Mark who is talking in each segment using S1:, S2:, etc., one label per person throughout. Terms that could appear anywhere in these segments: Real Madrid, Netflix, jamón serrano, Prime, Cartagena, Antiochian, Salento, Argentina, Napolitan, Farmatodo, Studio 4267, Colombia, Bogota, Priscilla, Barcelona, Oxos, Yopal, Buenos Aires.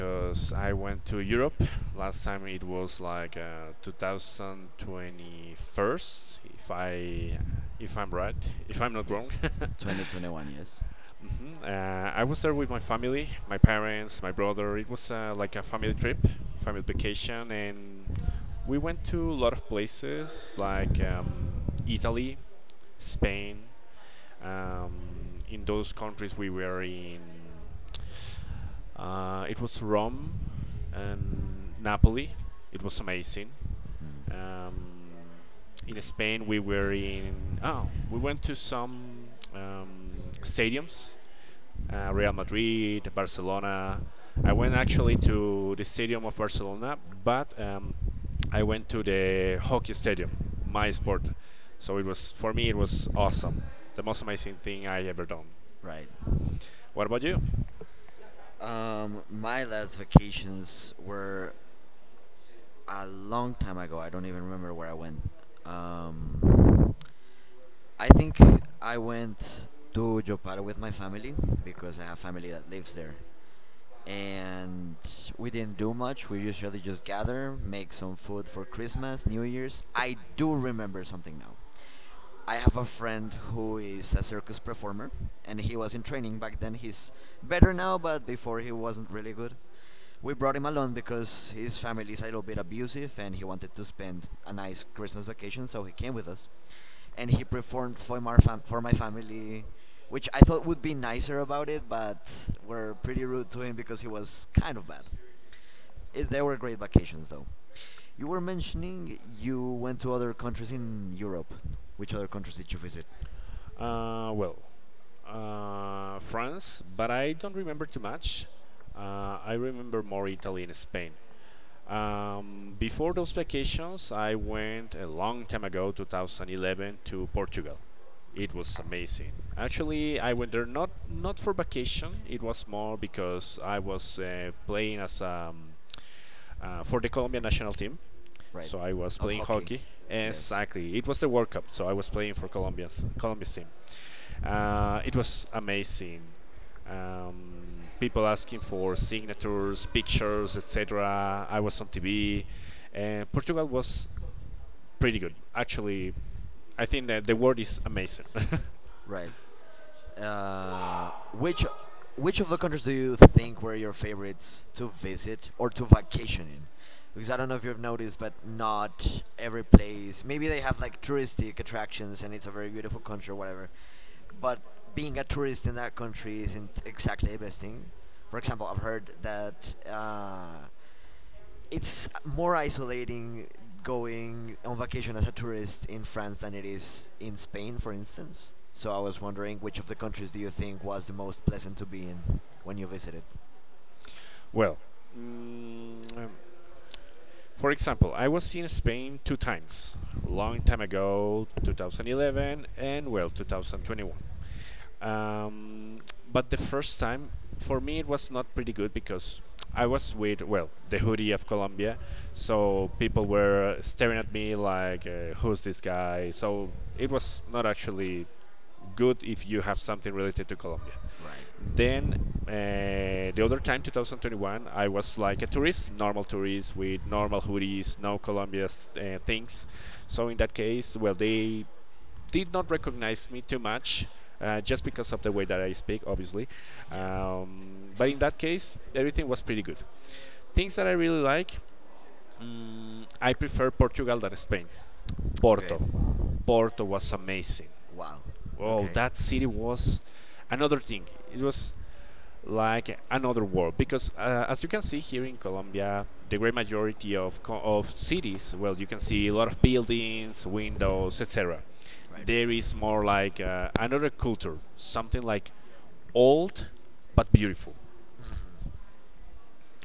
S1: because I went to Europe. Last time it was like 2021st, if I'm right, if I'm not
S2: Yes.
S1: wrong.
S2: 2021, yes.
S1: I was there with my family, my parents, my brother. It was like a family trip, family vacation, and we went to a lot of places like Italy, Spain. In those countries, we were in it was Rome and Napoli. It was amazing. Um, in
S2: Nice.
S1: Spain, we were in. Oh, we went to some um, stadiums Real Madrid, Barcelona. I went actually to the stadium of Barcelona, but I went to the hockey stadium, my sport. So it was, for me, it was awesome. The most amazing thing I ever done.
S2: Right.
S1: What about you?
S2: My last vacations were a long time ago. I don't even remember where I went. Um, I think I went to Yopal with my family because I have family that lives there. And we didn't do much. We usually just gather, make some food for Christmas, New Year's. I do remember something now. I have a friend who is a circus performer, and he was in training back then. He's better now, but before he wasn't really good. We brought him along because his family is a little bit abusive and he wanted to spend a nice Christmas vacation, so he came with us and he performed for for my family, which I thought would be nicer about it, but were pretty rude to him because he was kind of bad. They were great vacations though. You were mentioning you went to other countries in Europe. Which other countries did you visit?
S1: Uh, well, France, but I don't remember too much. I remember more Italy and Spain. Before those vacations, I went a long time ago, 2011, to Portugal. It was amazing. Actually, I went there not for vacation. It was more because I was playing as for the Colombian national team.
S2: Right.
S1: So I was
S2: Of
S1: playing
S2: hockey.
S1: hockey.
S2: Yes.
S1: Exactly. It was the World Cup, so I was playing for Colombia's team. It was amazing. People asking for signatures, pictures, etc. I was on TV, and Portugal was pretty good. Actually, I think that the word is amazing.
S2: Right. Uh, which which of the countries do you think were your favorites to visit or to vacation in? Because I don't know if you've noticed, but not every place. Maybe they have like touristic attractions and it's a very beautiful country or whatever. But being a tourist in that country isn't exactly the best thing. For example, I've heard that uh, it's more isolating going on vacation as a tourist in France than it is in Spain, for instance. So I was wondering which of the countries do you think was the most pleasant to be in when you visited?
S1: well, mm, for example, I was in Spain two times, a long time ago, 2011 and well, 2021. Um, but the first time for me it was not pretty good because I was with well the hoodie of Colombia, so people were staring at me like who's this guy. So it was not actually good if you have something related to Colombia.
S2: Right.
S1: Then the other time 2021 I was like a tourist, normal tourist with normal hoodies, no Colombia things. So in that case, well they did not recognize me too much, just because of the way that I speak, obviously.
S2: Yeah.
S1: But in that case, everything was pretty good. Things that I really like, mm, I prefer Portugal than Spain.
S2: Okay.
S1: Porto, Porto was amazing.
S2: Wow.
S1: Oh,
S2: Okay.
S1: that city was another thing. It was like another world because, as you can see here in Colombia, the great majority of cities, well, you can see a lot of buildings, windows, etc. There
S2: Right.
S1: is more like another culture, something like old but beautiful,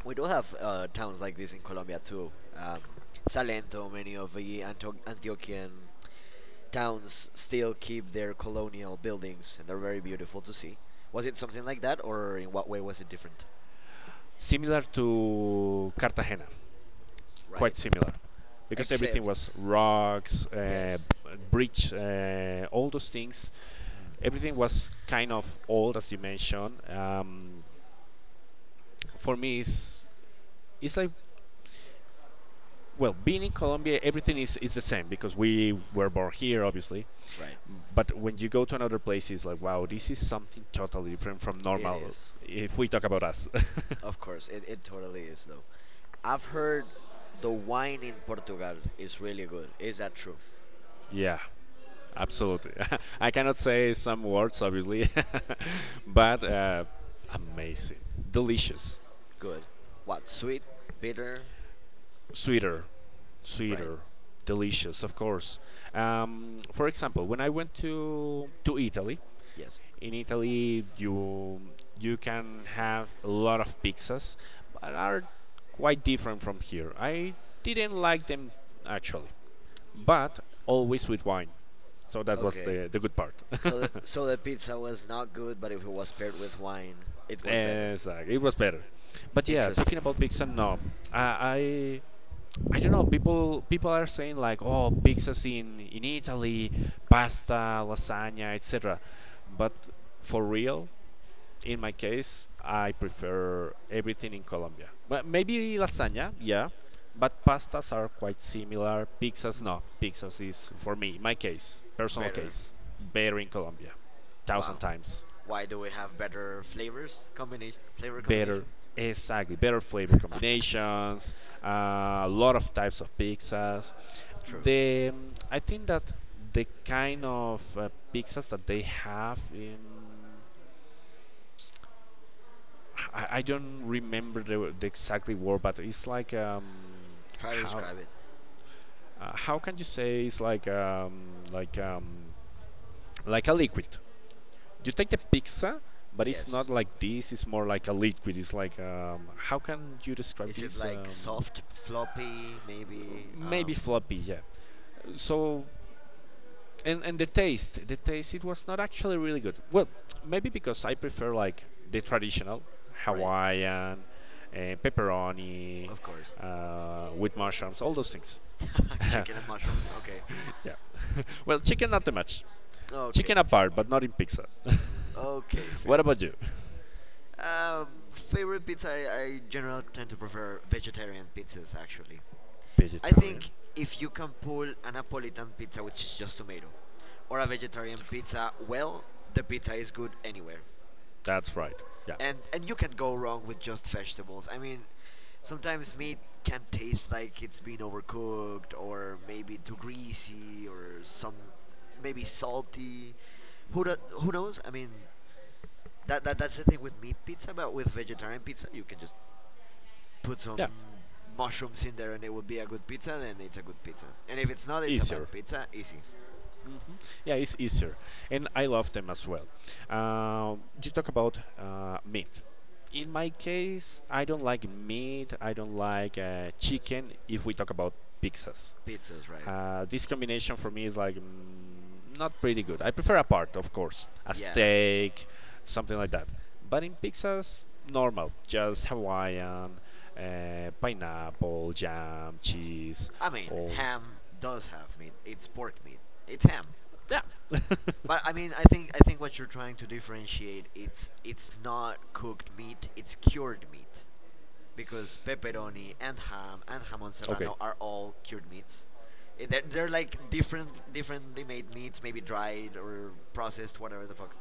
S2: We do have towns like this in Colombia too. Salento, many of the Antiochian towns still keep their colonial buildings and they're very beautiful to see. Was it something like that or in what way was it different?
S1: similar to Cartagena,
S2: Right.
S1: quite similar because everything was
S2: Except,
S1: rocks,
S2: yes,
S1: bridge, all those things. Everything was kind of old, as you mentioned. For me, it's like well, being in Colombia, everything is the same because we were born here, obviously.
S2: right.
S1: But when you go to another place, it's like wow, this is something totally different from
S2: It
S1: normal.
S2: is.
S1: If we talk about us,
S2: Of course, it totally is, though. I've heard the wine in Portugal is really good. Is that true?
S1: yeah, absolutely. I cannot say some words, obviously, but amazing, delicious,
S2: Good. What, sweet? Bitter?
S1: sweeter,
S2: Right.
S1: sweeter, delicious, of course. For example, when I went to Italy,
S2: Yes.
S1: in Italy you can have a lot of pizzas, but are quite different from here. I didn't like them actually, but always with wine. So that was
S2: Okay.
S1: the good part.
S2: So the, so the pizza was not good, but if it was paired with wine, it was better.
S1: Exactly, it was better. But yeah, talking
S2: Interesting.
S1: about pizza, no, I, I I don't know. People are saying like, oh, pizzas in Italy, pasta, lasagna, etc. But for real, in my case, I prefer everything in Colombia. But maybe lasagna, yeah. But pastas are quite similar. Pizzas, no. Pizzas is for me, my case, personal
S2: Better.
S1: case, better in Colombia, thousand
S2: Wow.
S1: times.
S2: Why do we have better flavors combination? Flavor
S1: Better
S2: combination?
S1: exactly better flavor combinations uh, a lot of types of pizzas
S2: True.
S1: the I think that the kind of pizzas that they have in I don't remember the exactly word but it's like
S2: Try to
S1: how
S2: describe it.
S1: how can you say it's like um like a liquid you take the pizza but it's
S2: Yes.
S1: not like this it's more like a liquid it's like how can you describe
S2: Is it
S1: this
S2: like soft, floppy, maybe?
S1: maybe floppy yeah so and the taste it was not actually really good well maybe because I prefer like the traditional
S2: Right,
S1: Hawaiian uh, pepperoni
S2: of course.
S1: with mushrooms all those things. Yeah
S2: Chicken and mushrooms. Okay,
S1: well chicken not too much
S2: okay,
S1: chicken apart but not in pizza.
S2: okay.
S1: What
S2: Fair.
S1: about you?
S2: Favorite pizza? I generally tend to prefer vegetarian pizzas. Actually, I
S1: Vegetarian?
S2: think if you can pull a Napolitan pizza, which is just tomato, or a vegetarian pizza, well, the pizza is good anywhere.
S1: That's right. Yeah,
S2: And you can go wrong with just vegetables. I mean, sometimes meat can taste like it's been overcooked or maybe too greasy or some maybe salty. Who knows? I mean, that's the thing with meat pizza, but with vegetarian pizza, you can just put some
S1: yeah,
S2: mushrooms in there and it would be a good pizza. Then it's a good pizza, and if it's not, it's a
S1: easier.
S2: bad pizza. Easy
S1: Mhm. Yeah, it's easier, and I love them as well. Uh, you talk about meat. In my case, I don't like meat. I don't like chicken. If we talk about pizzas,
S2: pizzas, right?
S1: this combination for me is like mm, not pretty good. I prefer a part, of course, a
S2: Yeah.
S1: steak, something like that. But in pizzas, normal, just Hawaiian, pineapple, jam, cheese,
S2: I mean,
S1: all.
S2: ham does have meat. It's pork meat. It's ham.
S1: Yeah.
S2: But I mean, I think what you're trying to differentiate it's not cooked meat, it's cured meat, because pepperoni and ham and jamon
S1: Okay.
S2: serrano are all cured meats. They're like different differently made meats, maybe dried or processed, whatever the fuck.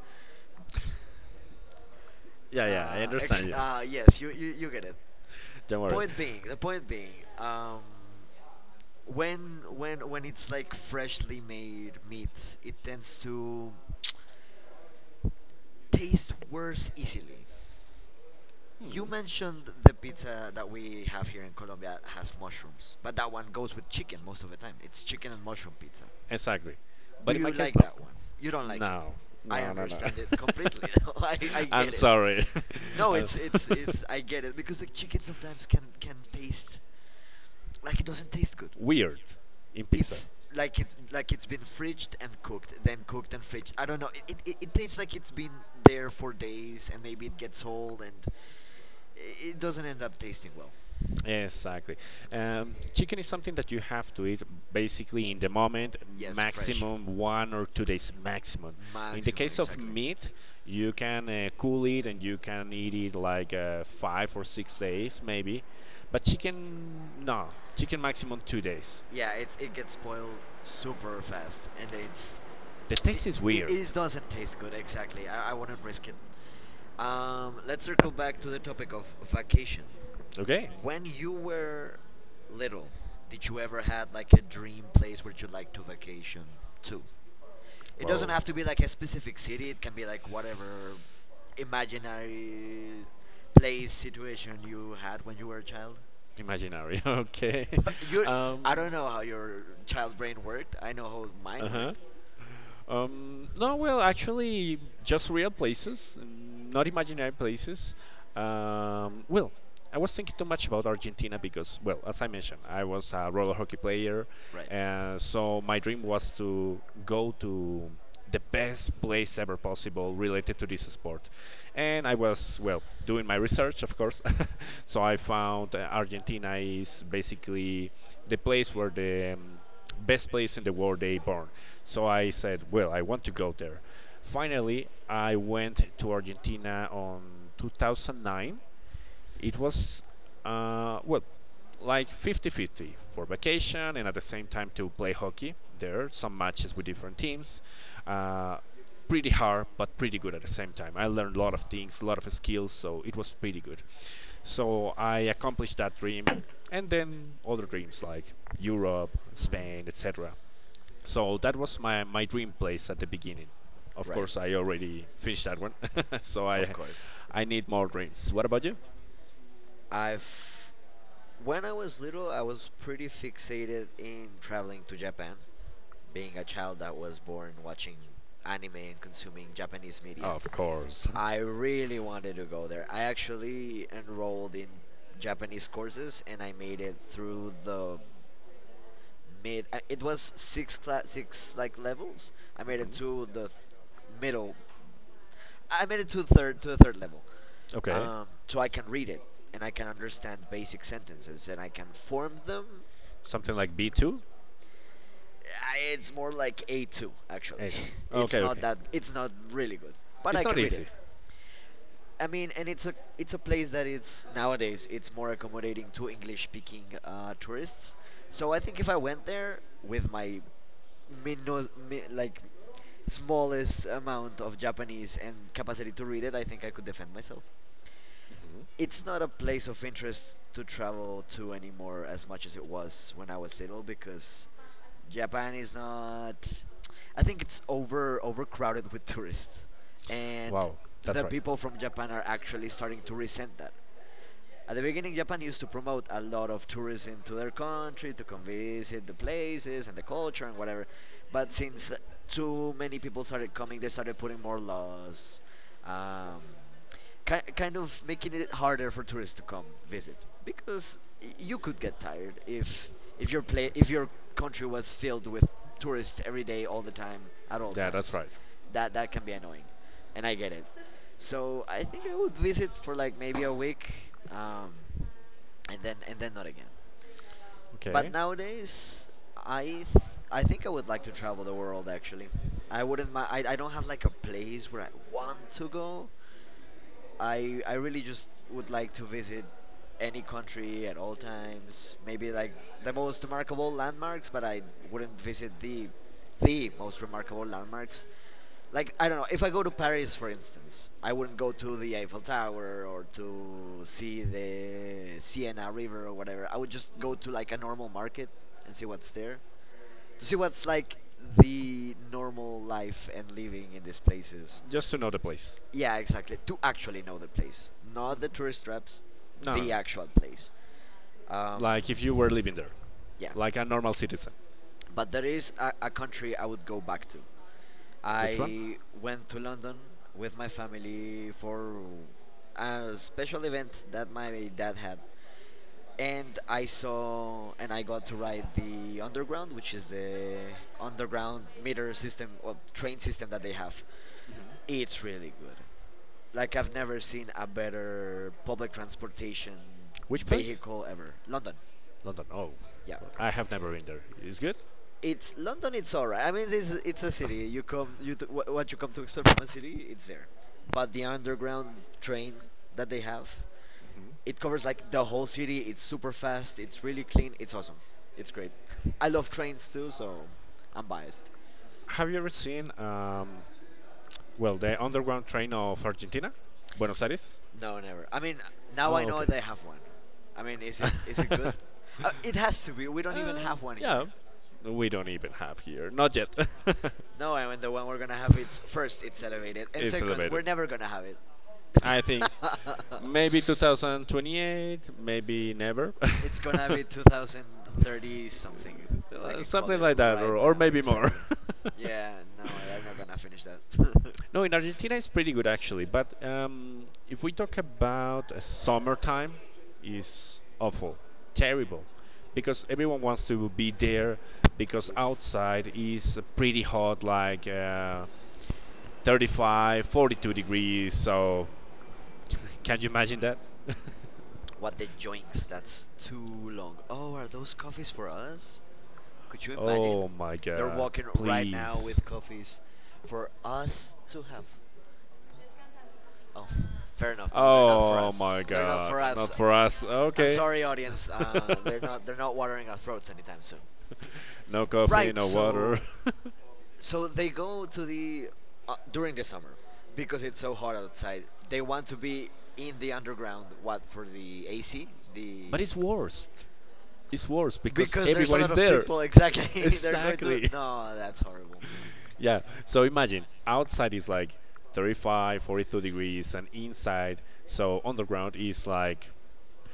S1: Yeah, yeah, I understand you.
S2: Yes, you get it.
S1: Don't worry.
S2: Point being, the point being, when it's like freshly made meat, it tends to taste worse easily. You
S1: Hmm,
S2: mentioned the pizza that we have here in Colombia has mushrooms, but that one goes with chicken most of the time. It's chicken and mushroom pizza.
S1: exactly.
S2: Do
S1: But in my
S2: you
S1: case,
S2: like
S1: no.
S2: that one? You don't like it.
S1: No,
S2: I
S1: no, no, no.
S2: understand it completely. Though. I
S1: I'm
S2: get it.
S1: sorry.
S2: No,
S1: Uh,
S2: it's it's it's I get it because the chicken sometimes can taste like it doesn't taste good.
S1: weird in pizza.
S2: It's like it's been fridged and cooked, then cooked and fridged. I don't know. It tastes like it's been there for days and maybe it gets old and it doesn't end up tasting well.
S1: Exactly. Chicken is something that you have to eat basically in the moment,
S2: Yes, fresh.
S1: maximum 1 or 2 days maximum. In the
S2: Maximum,
S1: case of
S2: exactly.
S1: meat, you can cool it and you can eat it like 5 or 6 days maybe. But chicken, no. Chicken maximum 2 days.
S2: Yeah, it's it gets spoiled super fast, and
S1: The
S2: it,
S1: taste is weird.
S2: it doesn't taste good. Exactly, I wouldn't risk it. Let's circle back to the topic of vacation.
S1: Okay.
S2: When you were little, did you ever had like a dream place where you like to vacation to? It doesn't
S1: Well,
S2: have to be like a specific city. It can be like whatever imaginary place situation you had when you were a child.
S1: imaginary. Okay.
S2: you
S1: Um,
S2: I don't know how your child brain worked. I know how mine
S1: uh-huh.
S2: worked.
S1: No, well, actually, just real places, mm, not imaginary places. Well, I was thinking too much about Argentina because, well, as I mentioned, I was a roller hockey player,
S2: Right.
S1: and so my dream was to go to the best place ever possible related to this sport. And I was, well, doing my research, of course. So I found Argentina is basically the place where the best place in the world they born. So I said, well, I want to go there. Finally, I went to Argentina on 2009. It was well like 50-50 for vacation and at the same time to play hockey there some matches with different teams uh, pretty hard but pretty good at the same time. I learned a lot of things a lot of skills so it was pretty good. So I accomplished that dream, and then other dreams like Europe, Spain, etc. So that was my dream place at the beginning. Of
S2: Right.
S1: course, I already finished that one, so
S2: Of
S1: I
S2: course.
S1: I need more dreams. What about you?
S2: I've When I was little, I was pretty fixated in traveling to Japan, being a child that was born watching anime and consuming Japanese media.
S1: Of course.
S2: I really wanted to go there. I actually enrolled in Japanese courses and I made it through it was six levels. I made it
S1: Mhm.
S2: to middle I made it to the third level,
S1: Okay,
S2: so I can read it and I can understand basic sentences and I can form them.
S1: something like B two.
S2: It's more like A2 actually.
S1: Eight. Okay,
S2: It's not
S1: okay.
S2: that. It's not really good, but I
S1: It's not
S2: can read it.
S1: easy.
S2: I mean, and It's a place that it's nowadays it's more accommodating to English speaking tourists. So I think if I went there with my like smallest amount of Japanese and capacity to read it, I think I could defend myself.
S1: Mhm.
S2: It's not a place of interest to travel to anymore as much as it was when I was little because Japan is not. I think it's overcrowded with tourists, and
S1: Wow, that's
S2: the
S1: right.
S2: people from Japan are actually starting to resent that. At the beginning, Japan used to promote a lot of tourism to their country to come visit the places and the culture and whatever. But since too many people started coming, they started putting more laws, um, kind of making it harder for tourists to come visit because you could get tired if your play if your country was filled with tourists every day, all the time, at all
S1: Yeah, that's
S2: times.
S1: right.
S2: That can be annoying, and I get it. So I think I would visit for like maybe a week, and then not again. But
S1: Okay,
S2: nowadays, I th- I think I would like to travel the world. Actually, I wouldn't. I don't have like a place where I want to go. I really just would like to visit any country at all times. Maybe like the most remarkable landmarks, but I wouldn't visit the most remarkable landmarks like I don't know. If I go to Paris, for instance, I wouldn't go to the Eiffel Tower or to see the Siena River or whatever. I would just go to like a normal market and see what's there to see what's like the normal life and living in these places.
S1: just to know the place.
S2: Yeah, exactly. To actually know the place, not the tourist traps,
S1: No, no,
S2: the
S1: no.
S2: actual place. Um,
S1: Like if you were living there,
S2: yeah,
S1: like a normal citizen.
S2: but there is a country I would go back to
S1: Which one?
S2: I went to London with my family for a special event that my dad had. And I saw and I got to ride the underground, which is the underground meter system or train system that they have. It's really good. Like, I've never seen a better public transportation
S1: Which place?
S2: vehicle ever. London,
S1: London. Oh,
S2: yeah.
S1: I have never been there. It's good.
S2: it's London. It's alright. I mean, this it's a city. You come, what you come to expect from a city, it's there. But the underground train that they have,
S1: Hmm.
S2: it covers like the whole city. It's super fast. It's really clean. It's awesome. It's great. I love trains too, so I'm biased.
S1: Have you ever seen, well, the underground train of Argentina, Buenos Aires?
S2: No, never. I mean, now I
S1: Oh,
S2: know
S1: okay.
S2: they have one. I mean, is it
S1: uh,
S2: good? It has to be. We don't even have one
S1: yeah,
S2: here.
S1: we don't even have here. Not yet.
S2: No, I mean the one we're gonna have. It's first, it's elevated, and
S1: It's
S2: second, we're
S1: elevated.
S2: never gonna have it.
S1: I think maybe 2028, maybe never.
S2: It's gonna be 2030 something. I can call
S1: Something
S2: it
S1: like that,
S2: right
S1: or
S2: now,
S1: maybe more.
S2: exactly. Yeah, no, they're not gonna finish that.
S1: No, in Argentina it's pretty good actually. But if we talk about summertime, is awful, terrible, because everyone wants to be there because outside is pretty hot, like 35, 42 degrees. So can you imagine that?
S2: What the joinks? That's too long. Oh, are those coffees for us? Could you imagine?
S1: Oh my
S2: They're
S1: God!
S2: walking right now
S1: Please.
S2: with coffees for us to have. Oh, fair enough. No, they're not for
S1: Oh
S2: us.
S1: my
S2: They're not
S1: God!
S2: for us.
S1: Not for us.
S2: I'm
S1: Okay.
S2: sorry, audience. They're not. They're not watering our throats anytime soon.
S1: No coffee,
S2: Right.
S1: no water.
S2: So they go to the during the summer because it's so hot outside. They want to be in the underground. What, for the AC? The
S1: But it's worst. It's worse because
S2: Because there's a
S1: everyone
S2: lot
S1: is
S2: of
S1: there.
S2: people. Exactly, they're going to.
S1: Exactly.
S2: No, that's horrible.
S1: Yeah. So imagine outside is like 35, 42 degrees, and inside, so underground is like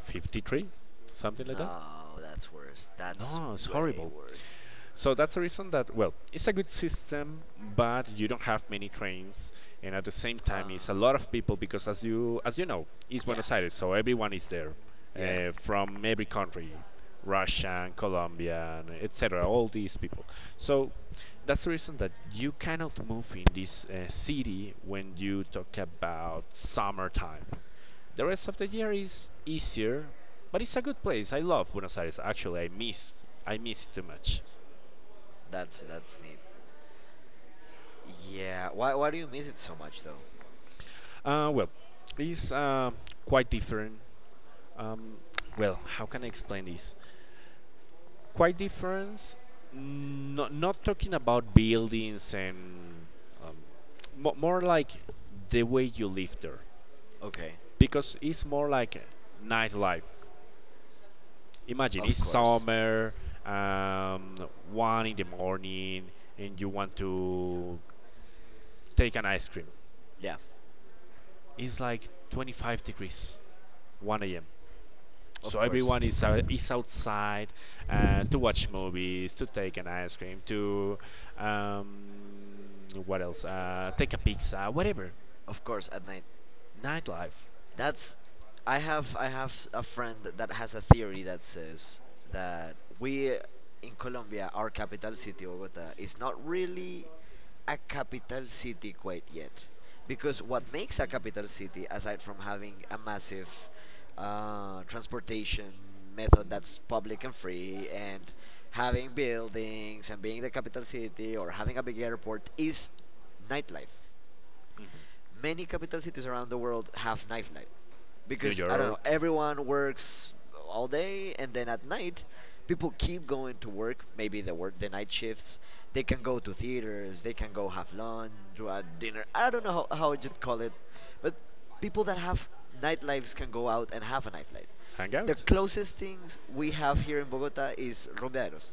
S1: 53, something like that.
S2: No, that's worse. That's
S1: No, it's
S2: way
S1: horrible.
S2: worse.
S1: So that's the reason that well, it's a good system, but you don't have many trains, and at the same
S2: Uh,
S1: time, it's a lot of people because as you know, it's
S2: yeah,
S1: Buenos Aires, so everyone is there
S2: yeah,
S1: from every country, Russian, Colombian, etc. All these people. So that's the reason that you cannot move in this city when you talk about summertime. The rest of the year is easier, but it's a good place. I love Buenos Aires. Actually, I miss it too much.
S2: that's neat. Yeah, why do you miss it so much though?
S1: Well, it's quite different. Um, well, how can I explain this? Quite different. Not not talking about buildings and um, more like the way you live there,
S2: Okay,
S1: because it's more like nightlife. Imagine
S2: of
S1: it's
S2: course.
S1: summer, um, one in the morning, and you want to take an ice cream.
S2: Yeah,
S1: It's like 25 degrees, 1 a.m. So
S2: of course,
S1: everyone is out, is outside to watch movies, to take an ice cream, to um, what else? Take a pizza, whatever.
S2: of course. At night.
S1: Nightlife,
S2: That's I have a friend that has a theory that says that we in Colombia, our capital city, Bogota, is not really a capital city quite yet, because what makes a capital city, aside from having a massive transportation method that's public and free, and having buildings and being the capital city or having a big airport, is nightlife.
S1: mhm.
S2: Many capital cities around the world have nightlife
S1: New
S2: because, I don't know,
S1: York,
S2: everyone works all day and then at night people keep going to work, maybe the work the night shifts. They can go to theaters, they can go have lunch, do a dinner. I don't know how you'd call it. But people that have nightlives can go out and have a nightlife. The
S1: hangout.
S2: closest things we have here in Bogota is rumbeaderos,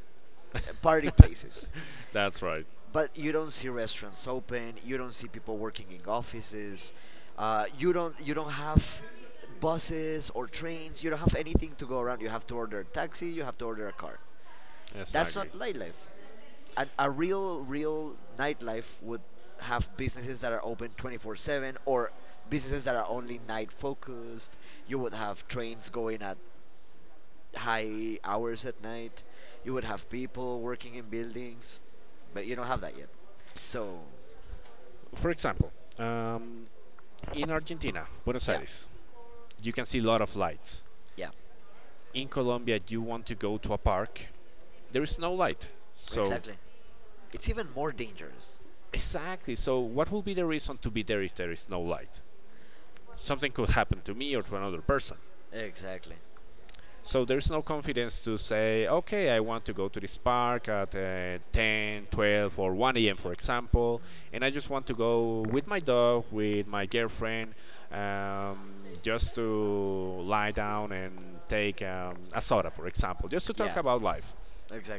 S2: party places,
S1: That's right.
S2: but you don't see restaurants open. You don't see people working in offices. You don't have buses or trains. You don't have anything to go around. You have to order a taxi. You have to order a car.
S1: Yes, I
S2: That's
S1: agree.
S2: not nightlife. And a real nightlife would have businesses that are open 24/7 or businesses that are only night focused. You would have trains going at high hours at night. You would have people working in buildings, but you don't have that yet. So
S1: For example, um, in Argentina, Buenos
S2: yeah,
S1: Aires, you can see a lot of lights.
S2: yeah,
S1: In Colombia, you want to go to a park, there is no light. So
S2: exactly. It's even more dangerous.
S1: exactly. So what will be the reason to be there if there is no light? Something could happen to me or to another person.
S2: Exactly.
S1: So there's no confidence to say, okay, I want to go to this park at 10, 12, or 1 a.m., for example, and I just want to go with my dog, with my girlfriend, just to lie down and take a soda, for example, just to
S2: Yeah,
S1: talk about life.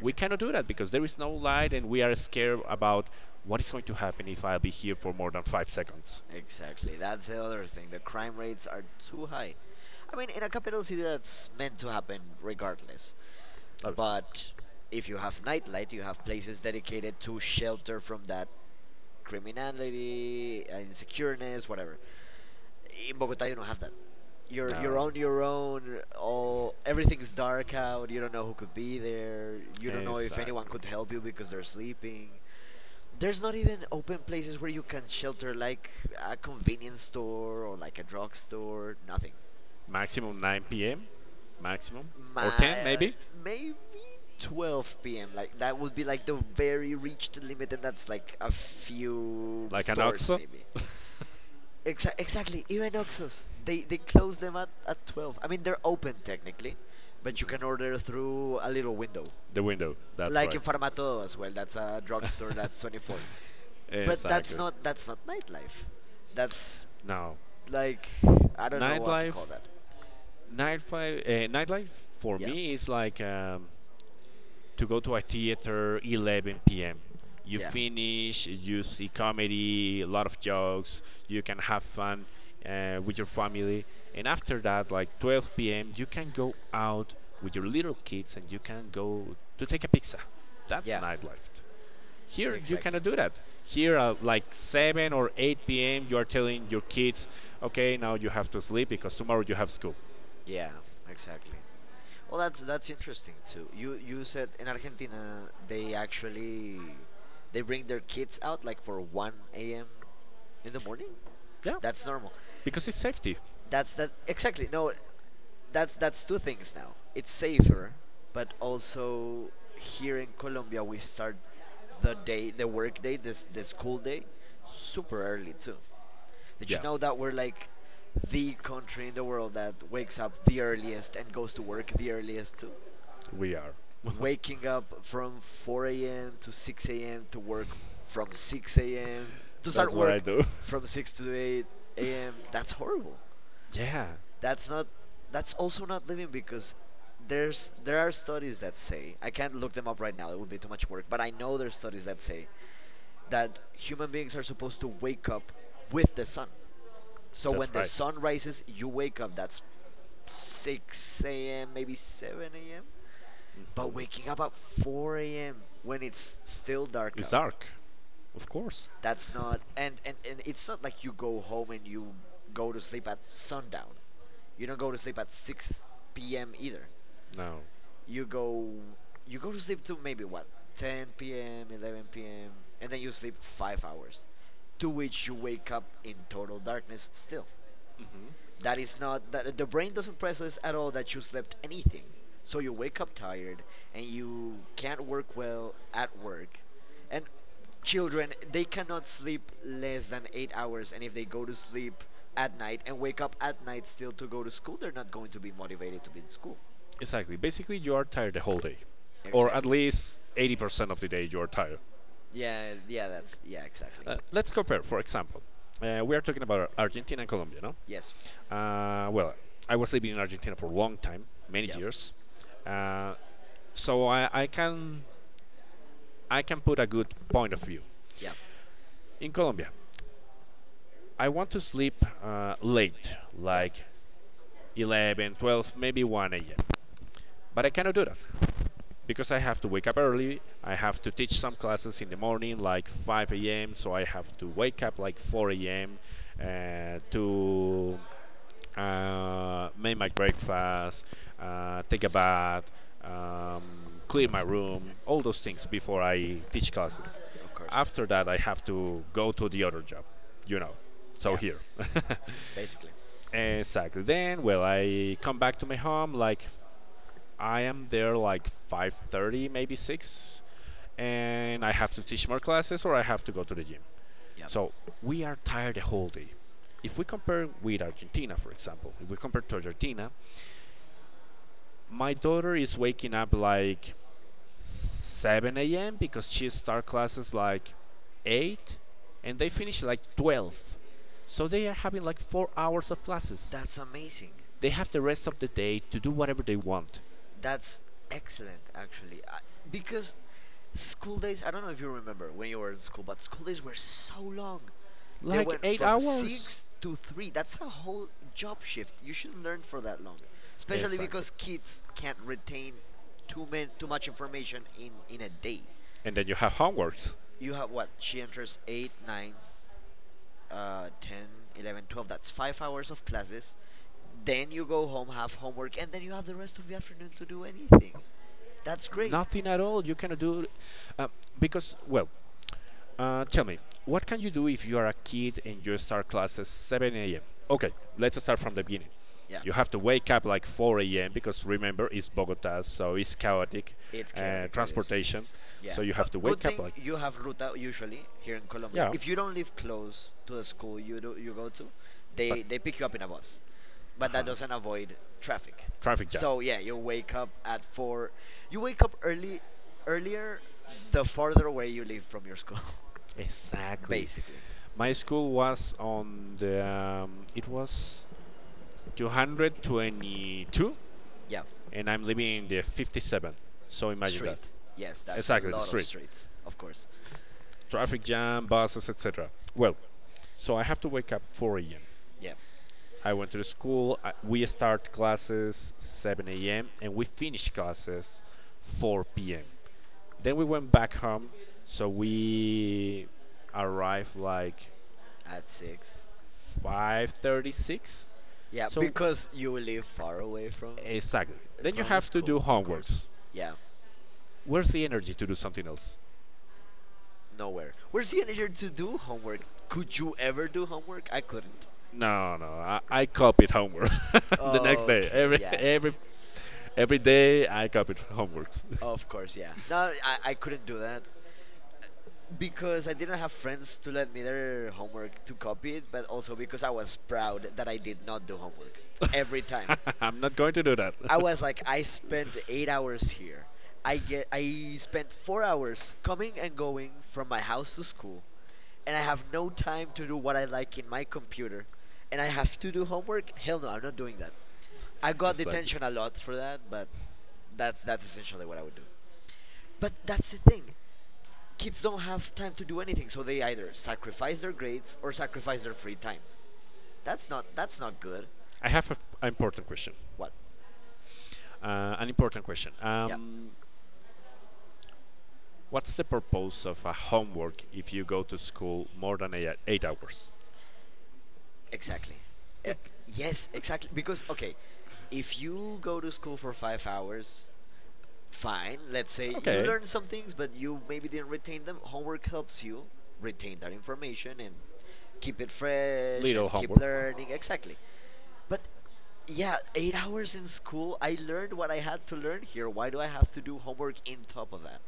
S1: We cannot do that because there is no light and we are scared about what is going to happen if I'll be here for more than 5 seconds.
S2: Exactly. That's the other thing. The crime rates are too high. I mean, in a capital city, that's meant to happen regardless.
S1: Oh,
S2: But if you have nightlight, you have places dedicated to shelter from that criminality, insecureness, whatever. In Bogota, you don't have that. You're
S1: no.
S2: on your own. All everything's dark out. You don't know who could be there. You don't know if anyone
S1: Exactly.
S2: could help you because they're sleeping. There's not even open places where you can shelter, like a convenience store or like a drugstore. Nothing.
S1: Maximum 9 p.m., maximum, or 10
S2: My
S1: maybe,
S2: Maybe 12 p.m. Like that would be like the very reached limit, and that's like a few
S1: like an
S2: stores
S1: OXO.
S2: maybe. Exactly. Even Oxos, they close them at 12. I mean, they're open technically, but you can order through a little window,
S1: The window. That's
S2: like
S1: right.
S2: in Farmatodo as well. That's a drugstore. That's 24. But that's
S1: Exactly.
S2: not that's not nightlife. That's,
S1: Now,
S2: like, I don't know what to
S1: nightlife,
S2: call that.
S1: nightlife for
S2: Yeah,
S1: me is like to go to a theater 11 p.m. You
S2: yeah,
S1: finish, you see comedy, a lot of jokes. You can have fun with your family, and after that, like 12 p.m., you can go out with your little kids and you can go to take a pizza. That's
S2: yeah.
S1: nightlife. Here you
S2: Exactly.
S1: cannot do that. Here, at like 7 or 8 p.m., you are telling your kids, okay, now you have to sleep because tomorrow you have school.
S2: Yeah, exactly. Well, that's interesting too. You said in Argentina they bring their kids out like for one a.m. in the morning.
S1: Yeah,
S2: That's normal.
S1: because it's safety.
S2: That's that Exactly. No, that's two things now. It's safer, but also here in Colombia we start the day, the work day, this the school day, super early too. Did you
S1: Yeah,
S2: know that we're like the country in the world that wakes up the earliest and goes to work the earliest too?
S1: we are.
S2: Waking up from 4 a.m. to 6 a.m. to work from 6 a.m. to
S1: That's
S2: start
S1: what I
S2: work
S1: do.
S2: from 6 to 8 a.m. That's horrible.
S1: Yeah,
S2: That's not. That's also not living because there are studies that say, I can't look them up right now. It would be too much work. But I know there's studies that say that human beings are supposed to wake up with the sun. So when
S1: that's
S2: the
S1: right.
S2: sun rises, you wake up. That's 6 a.m., maybe 7 a.m. But waking up at 4 a.m. when it's still dark
S1: It's
S2: out,
S1: dark, of course.
S2: that's not, and it's not like you go home and you go to sleep at sundown. You don't go to sleep at 6 p.m. either.
S1: No.
S2: you go you go to sleep to maybe what, 10 p.m., 11 p.m., and then you sleep 5 hours, to which you wake up in total darkness still.
S1: Hmm.
S2: That is not, that, the brain doesn't process at all that you slept anything, so you wake up tired and you can't work well at work. And children, they cannot sleep less than 8 hours, and if they go to sleep at night and wake up at night still to go to school, they're not going to be motivated to be in school.
S1: Exactly. Basically, you are tired the whole day, or at
S2: Exactly.
S1: least 80% of the day you are tired.
S2: Yeah, yeah, that's yeah, exactly.
S1: Let's compare, for example. We are talking about Argentina and Colombia, no?
S2: Yes.
S1: Well, I was living in Argentina for a long time, many
S2: Yeah.
S1: years, uh, so I can put a good point of view.
S2: Yeah.
S1: In Colombia, I want to sleep late,
S2: Yeah.
S1: like 11, 12, maybe 1 a.m. But I cannot do that because I have to wake up early. I have to teach some classes in the morning, like 5 a.m. So I have to wake up like 4 a.m. To make my breakfast, take a bath, um, clear my room, all those things before I teach classes.
S2: Of course.
S1: After that, I have to go to the other job, you know. So
S2: Yeah.
S1: here,
S2: Basically.
S1: exactly. Then, well, I come back to my home. Like I am there like 5:30, maybe six, and I have to teach more classes or I have to go to the gym.
S2: Yeah.
S1: So we are tired the whole day. If we compare with Argentina, for example, if we compare to Argentina, my daughter is waking up like 7 a.m. because she start classes like 8 and they finish like 12. So they are having like 4 hours of classes.
S2: That's amazing.
S1: They have the rest of the day to do whatever they want.
S2: That's excellent actually. I, because school days, I don't know if you remember when you were in school, but school days were so long. They
S1: Like
S2: went
S1: 8
S2: from
S1: hours.
S2: 6 to 3. That's a whole job shift. You shouldn't learn for that long, especially
S1: Exactly.
S2: because kids can't retain too man, too much information in a day.
S1: And then you have homeworks.
S2: You have what? She enters 8, 9, 10, 11, 12. That's 5 hours of classes. Then you go home, have homework, and then you have the rest of the afternoon to do anything. That's great.
S1: Nothing at all. You cannot do uh, because well, tell me, what can you do if you are a kid and you start class at 7 a.m.? Okay, let's start from the beginning.
S2: Yeah,
S1: You have to wake up like 4 a.m. because remember it's Bogota, so it's chaotic,
S2: it's chaotic. It is.
S1: transportation.
S2: Yeah.
S1: So you
S2: No,
S1: have to
S2: good
S1: wake up
S2: thing
S1: like
S2: you have ruta usually here in Colombia.
S1: yeah,
S2: If you don't live close to the school you do, they pick you up in a bus, but that doesn't
S1: uh-huh,
S2: avoid traffic.
S1: traffic jam.
S2: So yeah, you wake up at four. You wake up early, earlier, the farther away you live from your school,
S1: Exactly.
S2: basically.
S1: My school was on the it was 222,
S2: Yeah.
S1: and I'm living in the 57. So imagine that.
S2: Street. Yes, that's a
S1: Exactly the
S2: lot of
S1: street,
S2: streets, of course.
S1: traffic jam, buses, etc. Well, so I have to wake up 4 a.m.
S2: Yeah,
S1: I went to the school. We start classes 7 a.m. and we finish classes 4 p.m. Then we went back home. So we arrived like
S2: at six.
S1: 5:36.
S2: Yeah,
S1: So
S2: because you live far away from
S1: exactly. Then you
S2: the
S1: have to do
S2: school, of course.
S1: homeworks.
S2: Yeah,
S1: Where's the energy to do something else?
S2: nowhere. Where's the energy to do homework? Could you ever do homework? I couldn't.
S1: No, no. I copied homework the next day.
S2: Okay,
S1: Every
S2: yeah, no.
S1: every every day I copied homeworks.
S2: Of course, yeah. No, I couldn't do that because I didn't have friends to let me their homework to copy it, but also because I was proud that I did not do homework every time.
S1: I'm not going to do that.
S2: I was like, I spent 8 hours here. I spent 4 hours coming and going from my house to school, and I have no time to do what I like in my computer, and I have to do homework. Hell no, I'm not doing that. I got
S1: Exactly.
S2: detention a lot for that, but that's essentially what I would do. But that's the thing. Kids don't have time to do anything, so they either sacrifice their grades or sacrifice their free time. That's not good.
S1: I have an important question.
S2: What?
S1: An important question.
S2: Yeah,
S1: What's the purpose of a homework if you go to school more than eight hours?
S2: exactly. Uh, yes, exactly. Because okay, if you go to school for 5 hours, fine. Let's say you
S1: Okay,
S2: learn some things, but you maybe didn't retain them. Homework helps you retain that information and keep it fresh
S1: little
S2: and keep
S1: homework.
S2: learning. Exactly. But yeah, 8 hours in school, I learned what I had to learn here. Why do I have to do homework in top of that?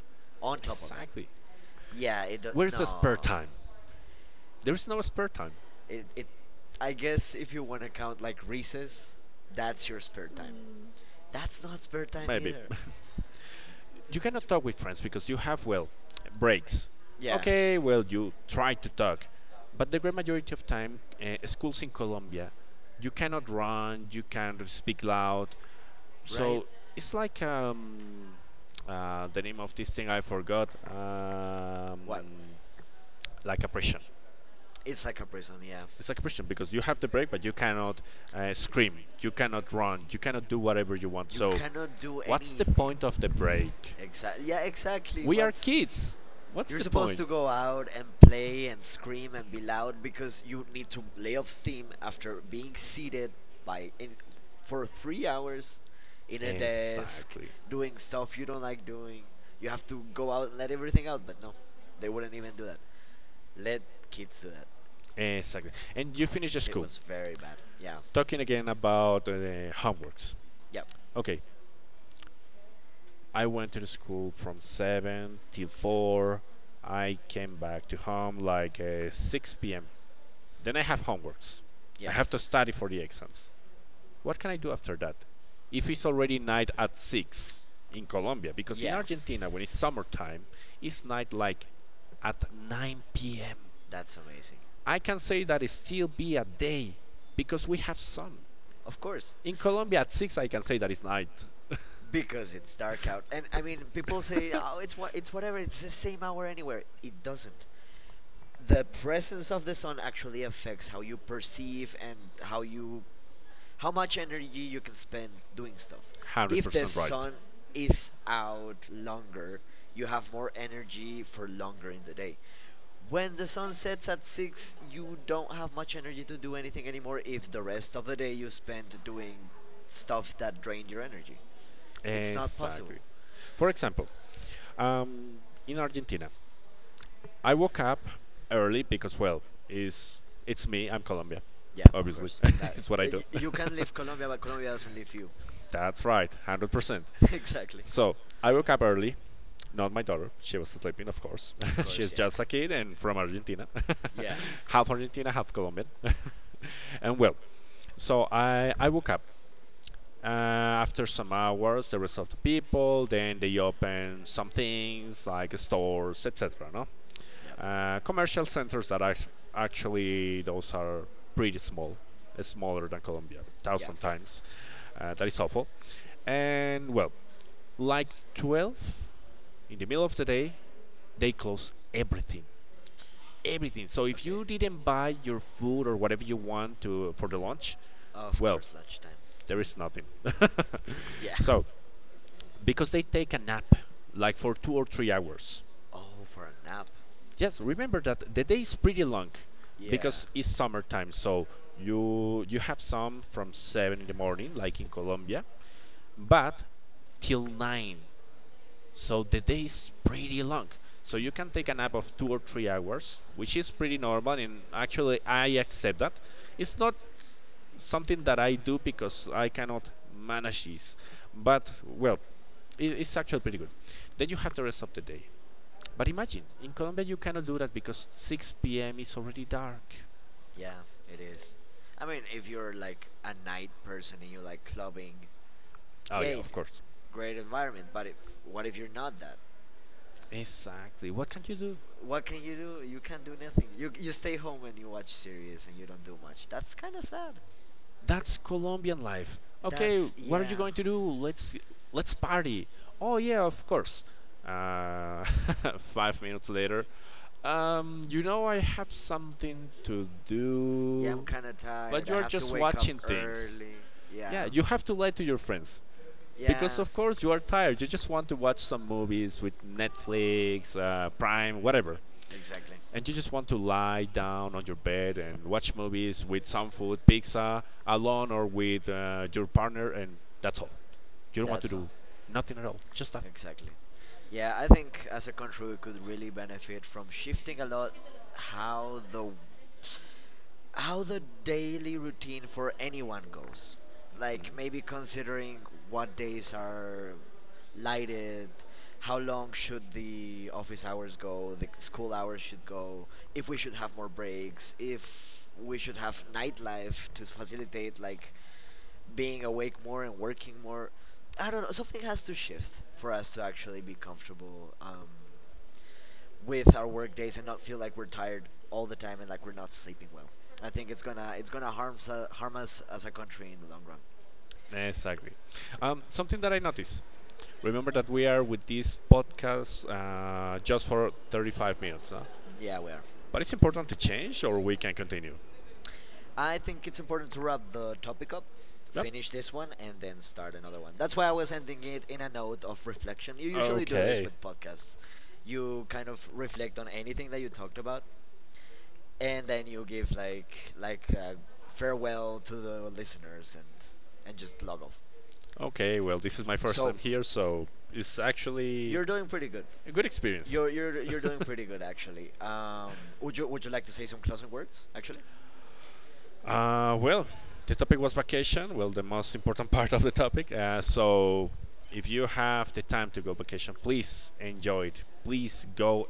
S2: On top of that?
S1: Exactly.
S2: Yeah,
S1: Where's the
S2: no.
S1: spare time? There's no spare time.
S2: It I guess if you want to count like recess, that's your spare time. That's not spare time
S1: Maybe.
S2: either.
S1: You cannot talk with friends because you have, well, breaks.
S2: Yeah,
S1: Okay, well, you try to talk. But the great majority of time, schools in Colombia, you cannot run, you can't speak loud,
S2: right?
S1: so it's like the name of this thing I forgot. Um,
S2: What?
S1: like oppression.
S2: It's like a prison, yeah.
S1: It's like oppression because you have the break, but you cannot scream, you cannot run, you cannot do whatever you want.
S2: You
S1: So
S2: cannot do
S1: what's the
S2: anything.
S1: point of the break?
S2: Exactly. Yeah, exactly.
S1: We are
S2: What's
S1: kids. What's
S2: You're
S1: the
S2: supposed
S1: point?
S2: to go out and play and scream and be loud because you need to lay off steam after being seated by in for 3 hours in a desk
S1: Exactly.
S2: doing stuff you don't like doing. You have to go out and let everything out, but no. They wouldn't even do that. Let kids do that.
S1: Exactly. And you finish the
S2: It
S1: school.
S2: was very bad. Yeah.
S1: Talking again about homeworks.
S2: yeah,
S1: Okay, I went to the school from 7 till 4. I came back to home like 6 p.m. Then I have homeworks. I
S2: Yeah.
S1: have to study for the exams. What can I do after that? If it's already night at 6 in Colombia, because in
S2: Yeah.
S1: Argentina, when it's summertime, it's night like at 9 p.m.
S2: That's amazing.
S1: I can say that it still be a day because we have sun.
S2: Of course.
S1: In Colombia at 6, I can say that it's night.
S2: Because it's dark out. And I mean, people say, "Oh, it's whatever. It's the same hour anywhere." It doesn't. The presence of the sun actually affects how you perceive and how much energy you can spend doing stuff. If the
S1: 100% right.
S2: sun is out longer, you have more energy for longer in the day. When the sun sets at 6, you don't have much energy to do anything anymore if the rest of the day you spend doing stuff that drained your energy. It's not
S1: Exactly.
S2: possible.
S1: For example, um, in Argentina. I woke up early because, well, is it's me. I'm Colombia,
S2: Yeah, of
S1: obviously.
S2: course. That
S1: It's what I do.
S2: you can leave Colombia, but Colombia doesn't leave you.
S1: That's right, 100%.
S2: Exactly.
S1: So I woke up early. Not my daughter. She was sleeping, of course.
S2: Of course.
S1: She's
S2: Yeah.
S1: just a kid and from Argentina,
S2: Yeah.
S1: half Argentina, half Colombian. And well, so I woke up. Uh, After some hours, the rest of the people, then they open some things like stores, etc. No,
S2: Yeah.
S1: Commercial centers that actually those are pretty small, smaller than Colombia,
S2: Yeah.
S1: thousand times. That is awful. And well, like 12 in the middle of the day, they close everything, everything. So if
S2: Okay.
S1: you didn't buy your food or whatever you want to for the lunch,
S2: Of
S1: well,
S2: course, lunchtime.
S1: there is nothing.
S2: Yeah.
S1: So because they take a nap, like for 2 or 3 hours.
S2: Oh, for a nap.
S1: Yes, remember that the day is pretty long
S2: Yeah.
S1: because it's summertime, so you have some from 7 in the morning, like in Colombia, but till nine. So the day is pretty long. So you can take a nap of 2 or 3 hours, which is pretty normal and actually I accept that. It's not something that I do because I cannot manage this. But well, it's actually pretty good. Then you have the rest of the day. But imagine, in Colombia you cannot do that because 6 p.m. is already dark.
S2: Yeah. It is. I mean, if you're like a night person and you like clubbing,
S1: Oh yeah,
S2: yay,
S1: of course.
S2: great environment. But if what if you're not that?
S1: Exactly. What can you do?
S2: What can you do? You can't do nothing. You stay home and you watch series and you don't do much. That's kind of sad.
S1: That's Colombian life. Okay,
S2: That's
S1: what are you
S2: yeah.
S1: going to do? Let's party. Oh yeah, of course. Uh, 5 minutes later. You know I have something to
S2: Yeah, I'm
S1: do,
S2: kind of tired.
S1: but you
S2: I
S1: are
S2: have to
S1: just
S2: wake up
S1: watching things.
S2: early. Yeah.
S1: Yeah, you have to lie to your friends because
S2: Yeah,
S1: of course you are tired. You just want to watch some movies with Netflix, Prime, whatever,
S2: exactly.
S1: and you just want to lie down on your bed and watch movies with some food, pizza, alone or with your partner, and that's all. You don't want to
S2: That's all.
S1: do nothing at all, just that.
S2: Exactly. Yeah, I think as a country we could really benefit from shifting a lot how the daily routine for anyone goes. Like maybe considering what days are lighted, how long should the office hours go, the school hours should go, if we should have more breaks, if we should have nightlife to facilitate like being awake more and working more. I don't know. Something has to shift for us to actually be comfortable with our work days and not feel like we're tired all the time and like we're not sleeping well. I think it's gonna harm harm us as a country in the long run.
S1: Exactly. Something that I noticed. Remember that we are with this podcast just for 35 minutes, huh?
S2: Yeah, we are.
S1: But it's important to change or we can continue.
S2: I think it's important to wrap the topic up,
S1: Yep.
S2: finish this one, and then start another one. That's why I was ending it in a note of reflection. You usually do this
S1: Okay.
S2: with podcasts. You kind of reflect on anything that you talked about and then you give farewell to the listeners and just log off.
S1: Okay. Well, this is my first
S2: So
S1: time here, so it's actually
S2: you're doing pretty good.
S1: a good experience.
S2: You're doing pretty good actually. Would you like to say some closing words actually?
S1: Well, the topic was vacation. Well, the most important part of the topic. So, if you have the time to go vacation, please enjoy it. Please go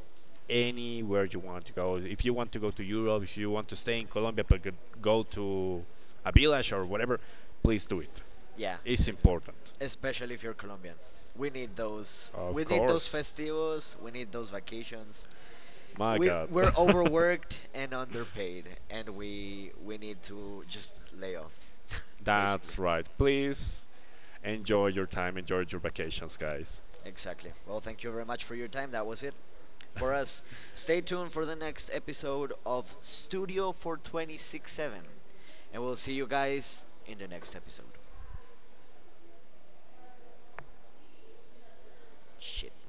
S1: anywhere you want to go. If you want to go to Europe, if you want to stay in Colombia, but go to a village or whatever, please do it.
S2: Yeah,
S1: It's
S2: exactly.
S1: important.
S2: Especially if you're Colombian,
S1: Of
S2: we need those
S1: course.
S2: festivos. We need those vacations.
S1: My God.
S2: We're overworked and underpaid, and we need to just lay off, basically.
S1: That's right. Please enjoy your time. Enjoy your vacations, guys.
S2: Exactly. Well, thank you very much for your time. That was it for us. Stay tuned for the next episode of Studio 4267. And we'll see you guys in the next episode. Shit.